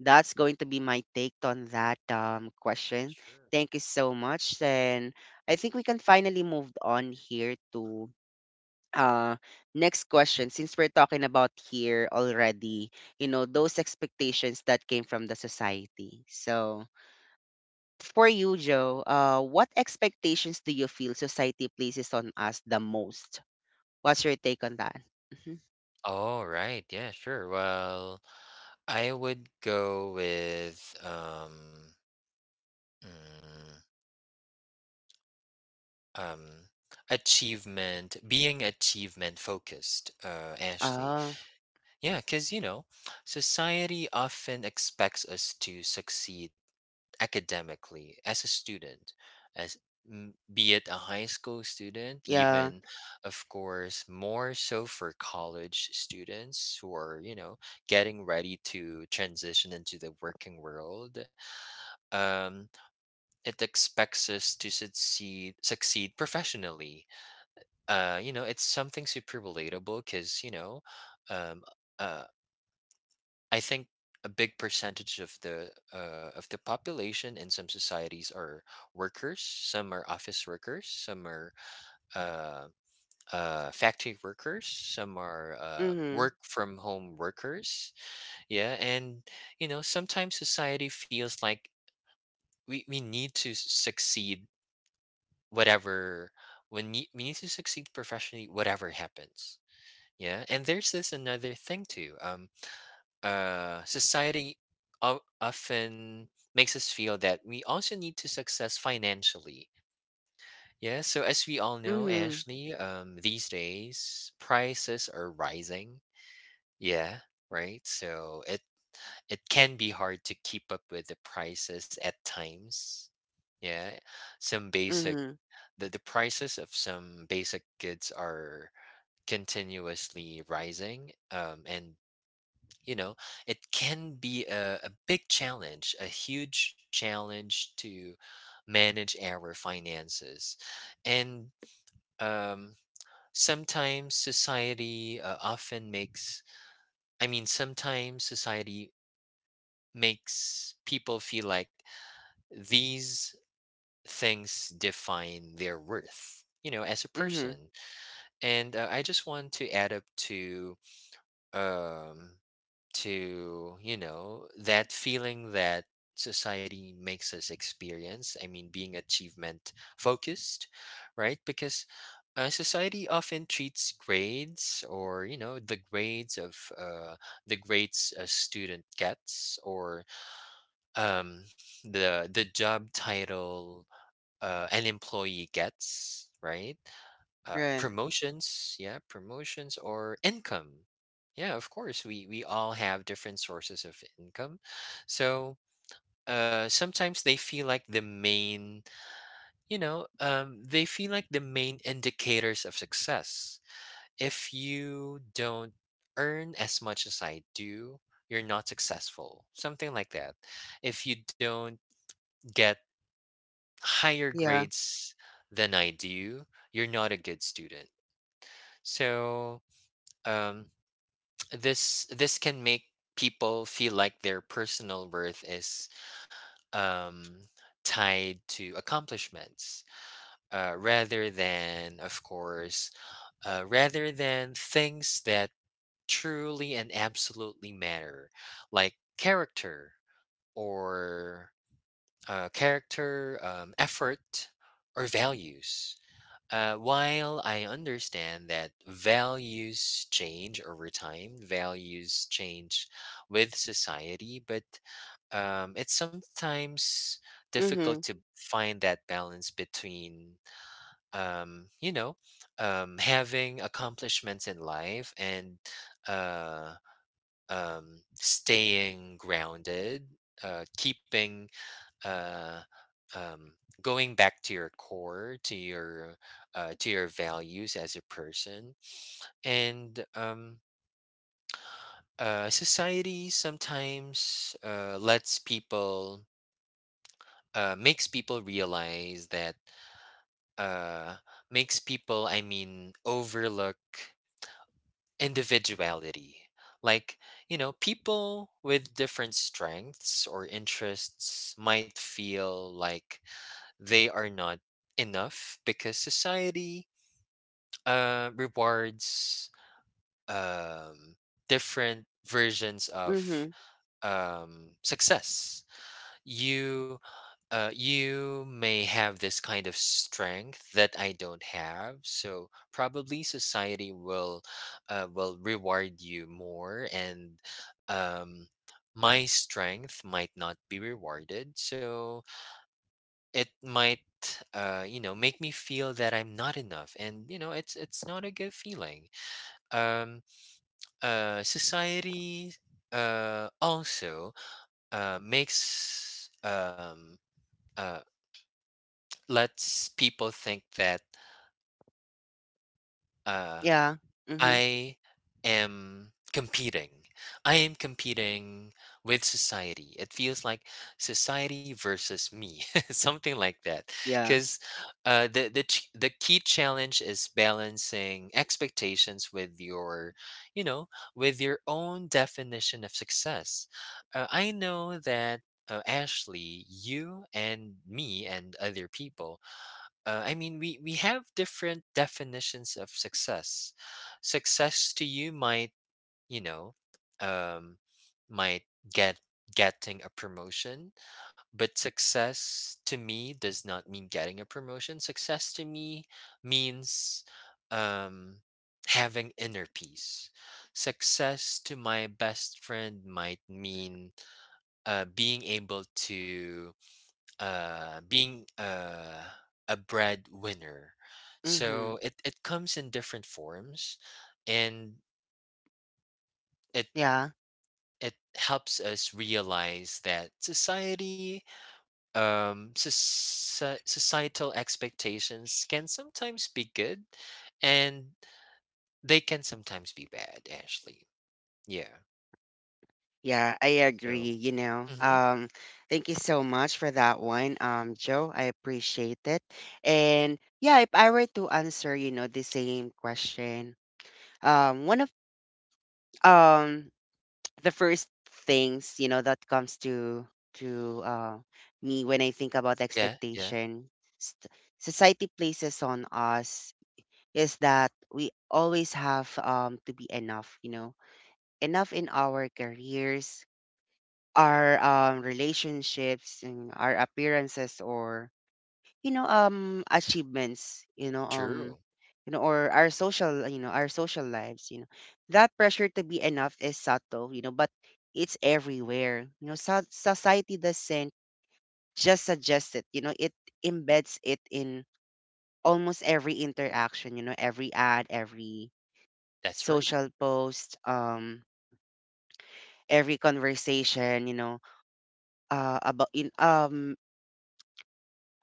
Speaker 1: that's going to be my take on that question.
Speaker 2: Sure.
Speaker 1: Thank you so much. And I think we can finally move on here to uh next question since we're talking about here already, you know, those expectations that came from the society. So for you, Joe, what expectations do you feel society places on us the most? What's your take on that? Mm-hmm.
Speaker 2: All right. Yeah, sure. Well, I would go with mm, um achievement, being achievement focused, Ashley,
Speaker 1: Ah.
Speaker 2: yeah, because you know society often expects us to succeed academically as a student, as be it a high school student,
Speaker 1: Yeah.
Speaker 2: even, of course, more so for college students who are, you know, getting ready to transition into the working world. um it expects us to succeed professionally. You know, it's something super relatable because, you know, um, uh, I think a big percentage of the population in some societies are workers. Some are office workers. Some are uh, factory workers. Some are
Speaker 1: Mm-hmm.
Speaker 2: work from home workers. Yeah, and you know, sometimes society feels like we need to succeed whatever, when we need to succeed professionally whatever happens. Yeah, and there's this another thing too. Society often makes us feel that we also need to success financially. Yeah, so as we all know,
Speaker 1: Mm-hmm.
Speaker 2: Ashley, these days prices are rising. Yeah, right. So it can be hard to keep up with the prices at times. Yeah, some basic
Speaker 1: Mm-hmm.
Speaker 2: the prices of some basic goods are continuously rising, and you know it can be a big challenge, a huge challenge to manage our finances, and um sometimes society often makes I mean sometimes society makes people feel like these things define their worth, you know, as a
Speaker 1: Mm-hmm.
Speaker 2: person. And I just want to add up to um you know that feeling that society makes us experience, I mean being achievement focused, right? Because society often treats grades or, you know, the grades a student gets or um, the job title an employee gets, right? uh,
Speaker 1: Right.
Speaker 2: promotions yeah promotions or income. Yeah, of course we all have different sources of income, so sometimes they feel like they feel like the main indicators of success. If you don't earn as much as I do, you're not successful, something like that. If you don't get higher
Speaker 1: Yeah.
Speaker 2: grades than I do, you're not a good student. So, um, this can make people feel like their personal worth is um, tied to accomplishments, rather than, of course, rather than things that truly and absolutely matter, like character, or character effort or values. While I understand that values change over time, values change with society, but it's sometimes difficult
Speaker 1: Mm-hmm.
Speaker 2: to find that balance between, you know, having accomplishments in life and uh, staying grounded, keeping uh, um, going back to your core, to your values as a person, and society sometimes lets people makes people realize that uh, makes people, I mean, overlook individuality. Like, you know, people with different strengths or interests might feel like they are not enough because society rewards um, different versions of
Speaker 1: Mm-hmm.
Speaker 2: success. You you may have this kind of strength that I don't have, so probably society will reward you more, and um, my strength might not be rewarded. So it might you know make me feel that I'm not enough, and you know it's not a good feeling. um Society also makes uh lets people think that uh
Speaker 1: Yeah. Mm-hmm.
Speaker 2: I am competing. I am competing with society. It feels like society versus me, *laughs* something like that.
Speaker 1: Yeah.
Speaker 2: Because the key challenge is balancing expectations with your, you know, with your own definition of success. I know that. Ashley, you and me and other people, I mean, we have different definitions of success. Success to you might, you know, um, might get getting a promotion, but success to me does not mean getting a promotion. Success to me means um, having inner peace. Success to my best friend might mean being able to being a breadwinner.
Speaker 1: Mm-hmm.
Speaker 2: So it comes in different forms, and it
Speaker 1: Yeah.
Speaker 2: it helps us realize that society societal expectations can sometimes be good and they can sometimes be bad, actually. Yeah,
Speaker 1: Yeah, I
Speaker 2: so.
Speaker 1: agree, you know.
Speaker 2: Hmm.
Speaker 1: Thank you so much for that one, Joe. I appreciate it. And yeah, if I were to answer, you know, the same question, one of um the first things, you know, that comes to to uh, me when I think about
Speaker 2: Yeah, yeah.
Speaker 1: expectation st- society places on us is that we always have to be enough, you know, enough in our careers, our relationships and our appearances, or you know, um, achievements, you know, um,
Speaker 2: True.
Speaker 1: you know, or our social, you know, our social lives, you know, that pressure to be enough is subtle, you know, but it's everywhere. You know, so- society doesn't just suggest it, you know, it embeds it in almost every interaction, you know, every ad, every
Speaker 2: That's right.
Speaker 1: social post, um, every conversation, you know, uh about in um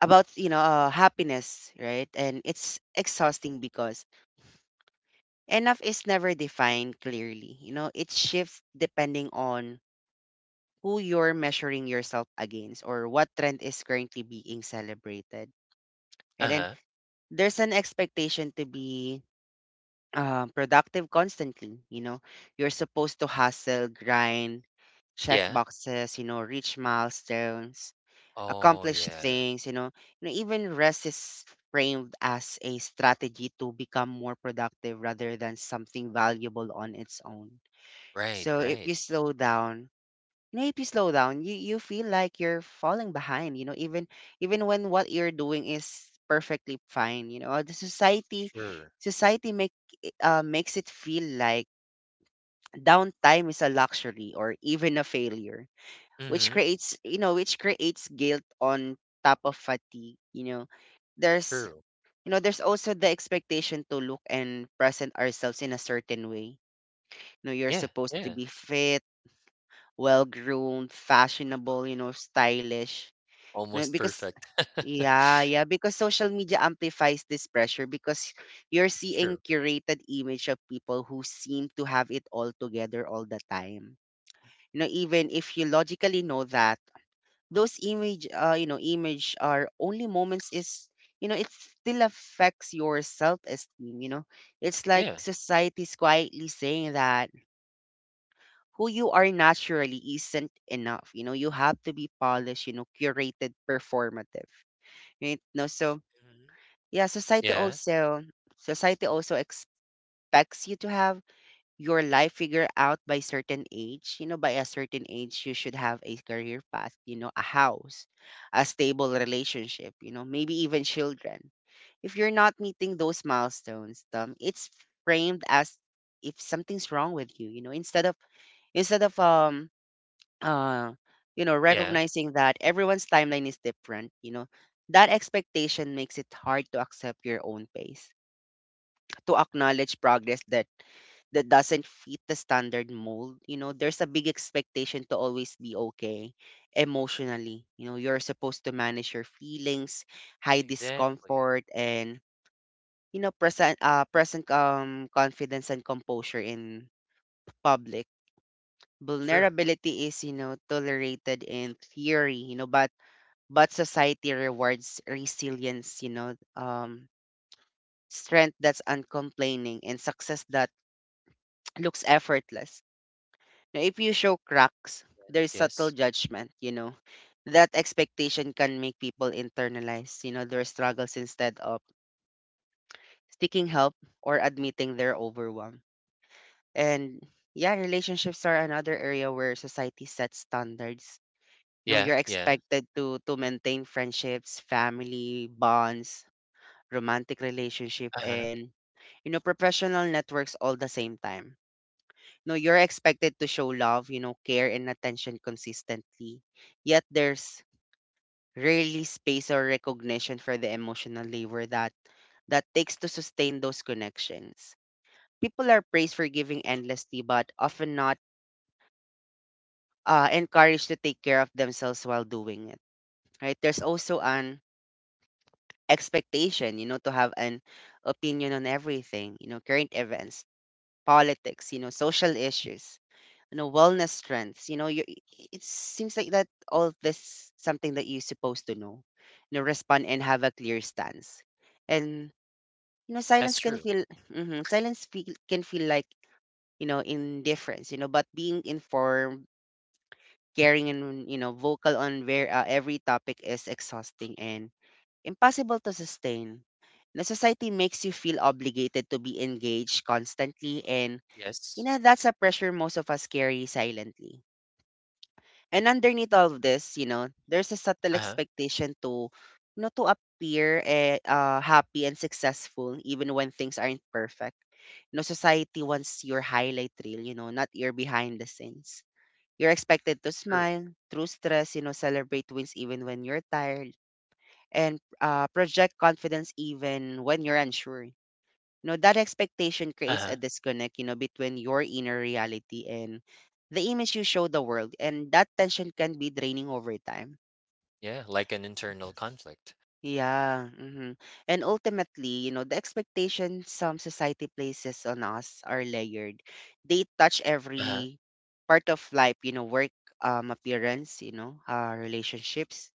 Speaker 1: about, you know, happiness, right? And it's exhausting because enough is never defined clearly. You know, it shifts depending on who you're measuring yourself against or what trend is currently being celebrated. And then
Speaker 2: Uh-huh.
Speaker 1: there's an expectation to be productive constantly. You know, you're supposed to hustle, grind, check
Speaker 2: Yeah.
Speaker 1: boxes, you know, reach milestones,
Speaker 2: Oh,
Speaker 1: accomplish
Speaker 2: yeah.
Speaker 1: things, you know. You know, even rest is framed as a strategy to become more productive rather than something valuable on its own.
Speaker 2: Right,
Speaker 1: So if
Speaker 2: right.
Speaker 1: you slow down, you know, if you slow down, you feel like you're falling behind, you know, even even when what you're doing is perfectly fine, you know. The society
Speaker 2: Sure.
Speaker 1: society make makes it feel like downtime is a luxury or even a failure, which
Speaker 2: Mhm.
Speaker 1: creates, you know, which creates guilt on top of fatigue. You know, there's,
Speaker 2: True.
Speaker 1: you know, there's also the expectation to look and present ourselves in a certain way. You know, you're
Speaker 2: Yeah,
Speaker 1: supposed to
Speaker 2: yeah.
Speaker 1: be fit, well groomed, fashionable, you know, stylish, you know,
Speaker 2: Almost
Speaker 1: because
Speaker 2: perfect. *laughs*
Speaker 1: yeah yeah because social media amplifies this pressure because you're seeing
Speaker 2: True.
Speaker 1: curated image of people who seem to have it all together all the time. You know, even if you logically know that those image you know, image are only moments is, you know, it still affects your self-esteem. You know, it's like
Speaker 2: Yeah.
Speaker 1: society's quietly saying that who you are naturally isn't enough. You know, you have to be polished, you know, curated, performative, right? No, so
Speaker 2: Mhm.
Speaker 1: yeah,
Speaker 2: Yeah,
Speaker 1: society also expects you to have your life figured out by certain age. You know, by a certain age you should have a career path, you know, a house, a stable relationship, you know, maybe even children. If you're not meeting those milestones, um, it's framed as if something's wrong with you. You know, instead of uh you know,
Speaker 2: yeah.
Speaker 1: recognizing that everyone's timeline is different, you know, that expectation makes it hard to accept your own pace, to acknowledge progress that doesn't fit the standard mold. You know, there's a big expectation to always be okay emotionally. You know, you're supposed to manage your feelings, high
Speaker 2: Exactly.
Speaker 1: discomfort, and you know, present confidence and composure in public.
Speaker 2: Sure.
Speaker 1: Vulnerability is, you know, tolerated in theory, you know, but society rewards resilience, you know, um, strength that's uncomplaining and success that looks effortless. Now, if you show cracks,
Speaker 2: Yes,
Speaker 1: there's subtle
Speaker 2: yes.
Speaker 1: judgment, you know. That expectation can make people internalize, you know, their struggles instead of seeking help or admitting they're overwhelmed. And yeah, relationships are another area where society sets standards. You know,
Speaker 2: Yeah,
Speaker 1: you're
Speaker 2: yeah.
Speaker 1: expected to to maintain friendships, family, bonds, romantic relationship,
Speaker 2: Uh-huh.
Speaker 1: and you know, professional networks all the same time. No, you're expected to show love, you know, care and attention consistently. Yet there's rarely space or recognition for the emotional labor that takes to sustain those connections. People are praised for giving endlessly, but often not encouraged to take care of themselves while doing it. Right? There's
Speaker 2: Of
Speaker 1: also
Speaker 2: course.
Speaker 1: an expectation, you know, to have an opinion on everything, you know, current events, politics, you know, social issues, you know, wellness trends, you know, you, it seems like that all this something that you're supposed to know, you know, respond and have a clear stance. And, you know,
Speaker 2: That's
Speaker 1: silence can
Speaker 2: true.
Speaker 1: feel, can feel like, you know, indifference. You know, but being informed, caring, and you know, vocal on where every topic is exhausting and impossible to sustain. The society makes you feel obligated to be engaged constantly. And you
Speaker 2: Yes.
Speaker 1: know, that's a pressure most of us carry silently. And underneath all of this, you know, there's a subtle
Speaker 2: Uh-huh.
Speaker 1: expectation to, you know, to appear happy and successful even when things aren't perfect. You know, society wants your highlight reel, you know, not your behind the scenes. You're expected to
Speaker 2: True.
Speaker 1: smile through stress, you know, celebrate wins even when you're tired, and project confidence even when you're unsure. You know, that expectation creates a
Speaker 2: Uh-huh.
Speaker 1: disconnect, you know, between your inner reality and the image you show the world, and that tension can be draining over time.
Speaker 2: Yeah, like an internal conflict.
Speaker 1: Yeah. Hmm. And ultimately, you know, the expectations some society places on us are layered. They touch
Speaker 2: Uh-huh.
Speaker 1: every part of life, you know, work, um, appearance, you know, uh, relationships,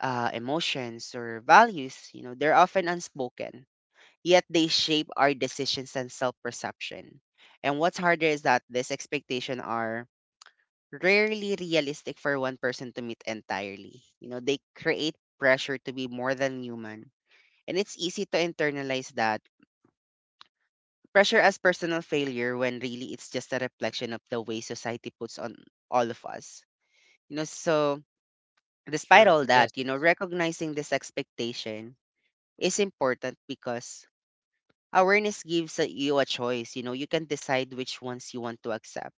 Speaker 1: uh, emotions, or values. You know, they're often unspoken, yet they shape our decisions and self-perception. And what's harder is that these expectations are rarely realistic for one person to meet entirely. You know, they create pressure to be more than human. And it's easy to internalize that pressure as personal failure when really it's just a reflection of the way society puts on all of us. You know, so despite
Speaker 2: True.
Speaker 1: all that, you know,
Speaker 2: Yes.
Speaker 1: recognizing this expectation is important because awareness gives you a choice. You know, you can decide which ones you want to accept,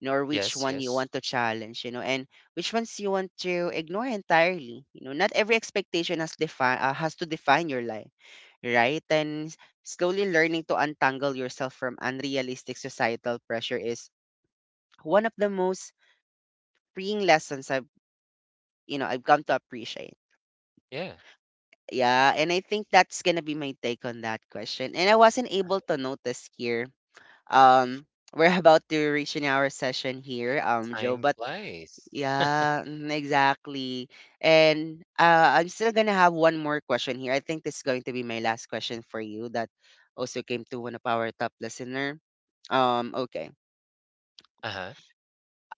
Speaker 1: you know, or which
Speaker 2: Yes,
Speaker 1: one you
Speaker 2: yes.
Speaker 1: want to challenge, you know, and which ones you want to ignore entirely. You know, not every expectation has to define your life, right? And slowly learning to untangle yourself from unrealistic societal pressure is one of the most freeing lessons I've you know, I've come to appreciate.
Speaker 2: Yeah.
Speaker 1: Yeah, and I think that's gonna be my take on that question. And I wasn't able to notice here. Um, we're about to reach in our session here, Joe.
Speaker 2: Time
Speaker 1: But
Speaker 2: flies.
Speaker 1: yeah, exactly. And I'm still gonna have one more question here. I think this is going to be my last question for you. That also came to one of our top listener. Okay.
Speaker 2: Uh-huh.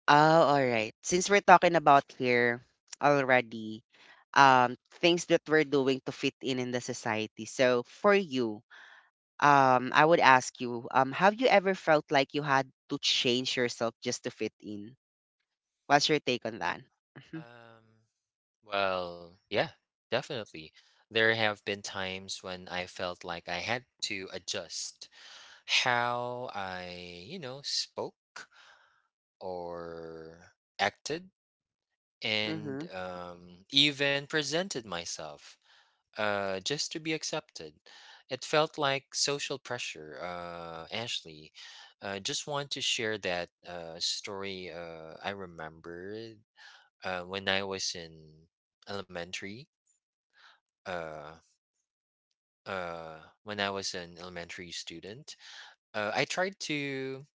Speaker 1: Oh, all right. Since we're talking about here already, um, things that we're doing to fit in the society. So for you, I would ask you, have you ever felt like you had to change yourself just to fit in? What's your take on that? Mhm.
Speaker 2: Um Well, yeah, definitely. There have been times when I felt like I had to adjust how I, you know, spoke or acted, and
Speaker 1: Mhm.
Speaker 2: even presented myself, just to be accepted. It felt like social pressure, Ashley. Just want to share that story. I remember when I was in elementary. Uh, uh, when I was an elementary student. I tried to.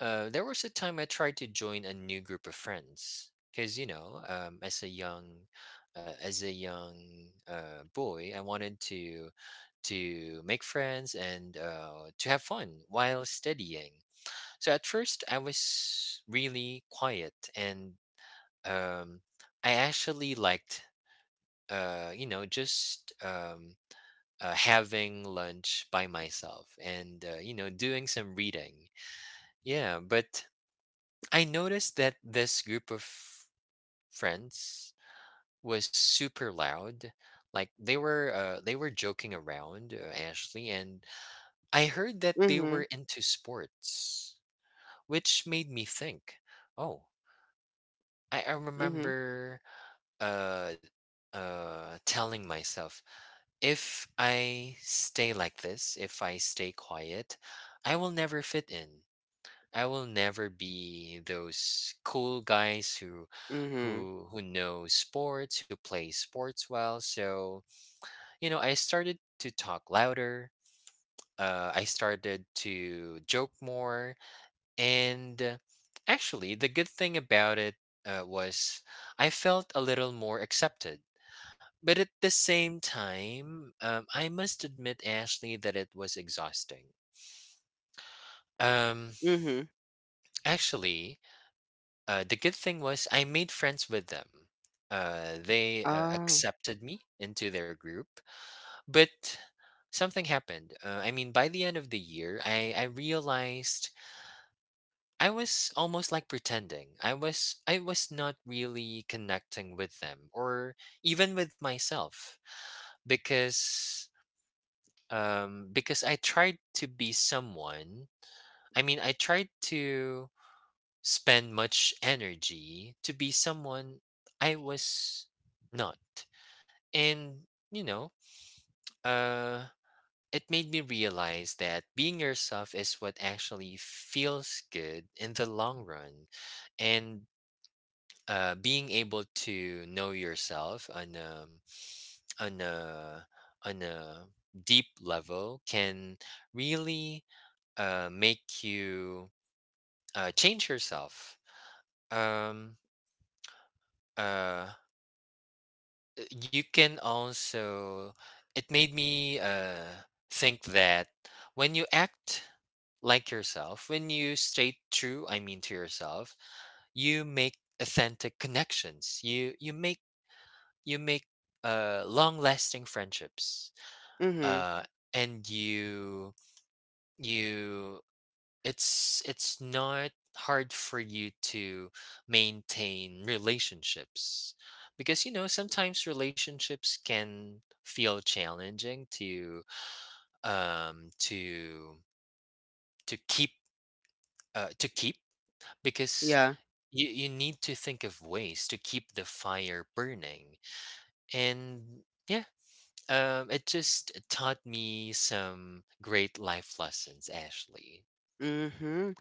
Speaker 2: There was a time I tried to join a new group of friends because, you know, as a young boy, I wanted to make friends and to have fun while studying. So at first, I was really quiet, and um, I actually liked, you know, just. Having lunch by myself and you know doing some reading. Yeah, but I noticed that this group of friends was super loud. Like they were joking around, Ashley, and I heard that they were
Speaker 1: Mhm.
Speaker 2: into sports, which made me think, oh, I
Speaker 1: Mhm.
Speaker 2: remember uh telling myself, if I stay like this, if I stay quiet, I will never fit in. I will never be those cool guys who
Speaker 1: Mhm.
Speaker 2: who know sports, who play sports well. So, you know, I started to talk louder. I started to joke more, and actually the good thing about it was I felt a little more accepted, but at the same time, I must admit, Ashley, that it was exhausting. Um,
Speaker 1: Mhm.
Speaker 2: actually, the good thing was I made friends with them. They
Speaker 1: Oh.
Speaker 2: accepted me into their group, but something happened. I mean, by the end of the year, I realized I was almost like pretending. I was not really connecting with them or even with myself, because because I tried to be someone. I mean, I tried to spend much energy to be someone I was not. And, you know, uh, it made me realize that being yourself is what actually feels good in the long run. And being able to know yourself on a, on a, on a deep level can really make you change yourself. Um, uh, you can also, it made me think that when you act like yourself, when you stay true, I mean, to yourself, you make authentic connections. You make long lasting friendships.
Speaker 1: Mhm.
Speaker 2: Uh, and you it's not hard for you to maintain relationships, because you know sometimes relationships can feel challenging to um to to keep, to keep, because
Speaker 1: Yeah.
Speaker 2: you need to think of ways to keep the fire burning, and yeah, it just taught me some great life lessons, Ashley.
Speaker 1: Mhm.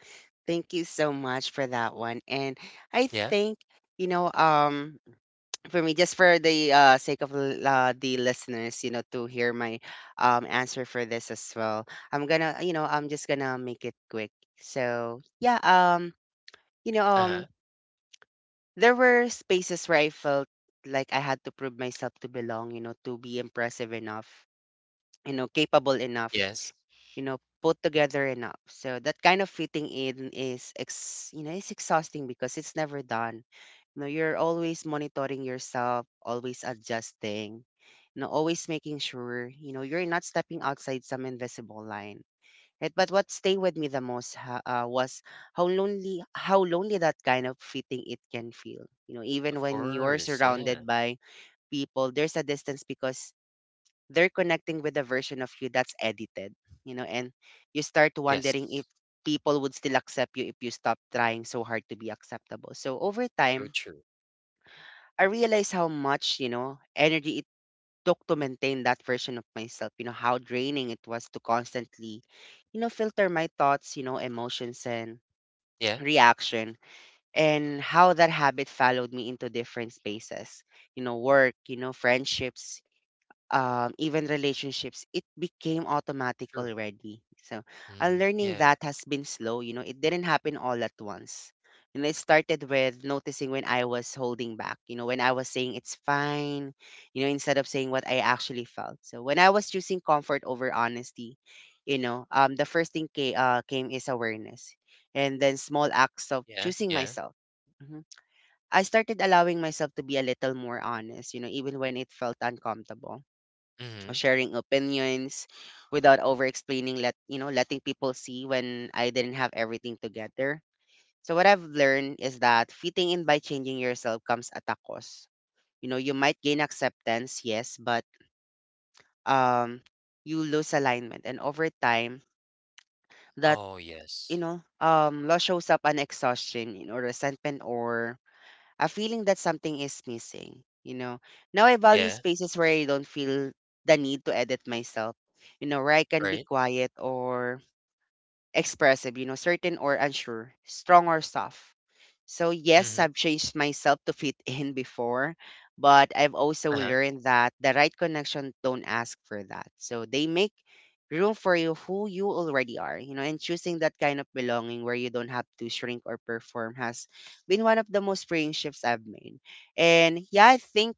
Speaker 1: Thank you so much for that one. And I
Speaker 2: Yeah.
Speaker 1: think you know, for me, just for the sake of the listeners, you know, to hear my answer for this as well, I'm gonna, you know, I'm just gonna make it quick. So yeah. You know,
Speaker 2: Uh-huh.
Speaker 1: there were spaces where I felt like I had to prove myself to belong, you know, to be impressive enough, you know, capable enough,
Speaker 2: Yes.
Speaker 1: you know, put together enough. So that kind of fitting in is, you know, it's exhausting because it's never done. You know, you're always monitoring yourself, always adjusting, you know, always making sure, you know, you're not stepping outside some invisible line. Right, but what stayed with me the most was how lonely that kind of fitting it can feel. You know, even
Speaker 2: Of
Speaker 1: when you're
Speaker 2: course. Yeah.
Speaker 1: surrounded by people, there's a distance because they're connecting with a version of you that's edited. You know, and you start
Speaker 2: Yes.
Speaker 1: wondering if people would still accept you if you stop trying so hard to be acceptable. So over
Speaker 2: So
Speaker 1: time,
Speaker 2: true.
Speaker 1: I realized how much you know energy took to maintain that version of myself, you know, how draining it was to constantly, you know, filter my thoughts, you know, emotions and *tsk*
Speaker 2: Yeah,
Speaker 1: reaction, and how that habit followed me into different spaces, you know, work, you know, friendships, even relationships, it became automatic
Speaker 2: true.
Speaker 1: already. So, and
Speaker 2: Mm,
Speaker 1: learning
Speaker 2: yeah,
Speaker 1: that has been slow. You know, it didn't happen all at once. You know, it started with noticing when I was holding back. You know, when I was saying it's fine. You know, instead of saying what I actually felt. So when I was choosing comfort over honesty, you know, the first thing came is awareness, and then small acts of
Speaker 2: yeah,
Speaker 1: choosing
Speaker 2: yeah.
Speaker 1: myself. Mhm. I started allowing myself to be a little more honest. You know, even when it felt uncomfortable
Speaker 2: Mhm.
Speaker 1: sharing opinions without over explaining, let you know, letting people see when I didn't have everything together. So what I've learned is that fitting in by changing yourself comes at a cost. You know, you might gain acceptance, yes, but um you lose alignment and over time that
Speaker 2: Oh,
Speaker 1: you
Speaker 2: yes.
Speaker 1: know loss shows up an exhaustion you know, resentment or a feeling that something is missing, you know. Now I value
Speaker 2: Yeah,
Speaker 1: spaces where I don't feel the need to edit myself, you know, where I can be
Speaker 2: right.
Speaker 1: quiet or expressive, you know, certain or unsure, strong or soft. So, yes,
Speaker 2: Mhm.
Speaker 1: I've changed myself to fit in before, but I've also
Speaker 2: Uh-huh.
Speaker 1: learned that the right connection don't ask for that. So, they make room for you who you already are, you know, and choosing that kind of belonging where you don't have to shrink or perform has been one of the most freeing shifts I've made. And yeah, I think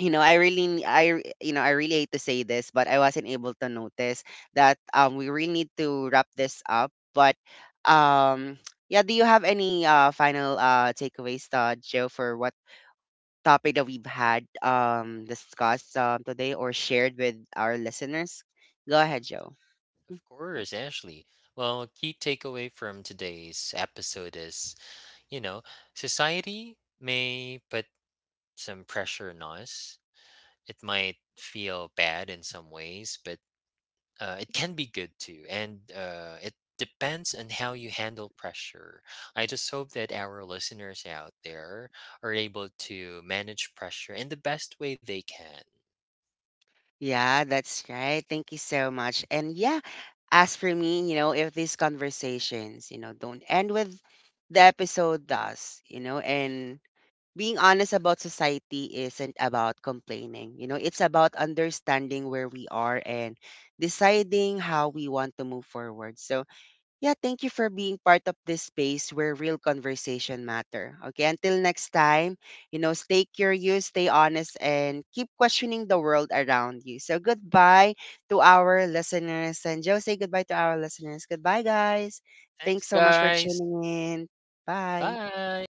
Speaker 1: you know I really n- I r- you know I really hate to say this but I wasn't able to notice that we really need to wrap this up but um *tsk* yeah, do you have any final takeaways, Joe, for what topic that we've had discussed today or shared with our listeners? Go ahead,
Speaker 2: Mhm.
Speaker 1: Joe.
Speaker 2: Of course, Ashley. Well, a key takeaway from today's episode is, you know, society may put some pressure on us. It might feel bad in some ways, but it can be good too, and it depends on how you handle pressure. I just hope that our listeners out there are able to manage pressure in the best way they can.
Speaker 1: Yeah, that's right. Thank you so much. And yeah, as for me, you know, if these conversations, you know, don't end with the episode does, you know, and being honest about society isn't about complaining. You know, it's about understanding where we are and deciding how we want to move forward. So, yeah, thank you for being part of this space where real conversation matter. Okay, until next time, you know, stay curious, stay honest, and keep questioning the world around you. So, goodbye to our listeners. And Joe, say goodbye to our listeners. Goodbye, guys.
Speaker 2: Thanks,
Speaker 1: Thanks so much for
Speaker 2: guys.
Speaker 1: tuning in. Bye.
Speaker 2: Bye.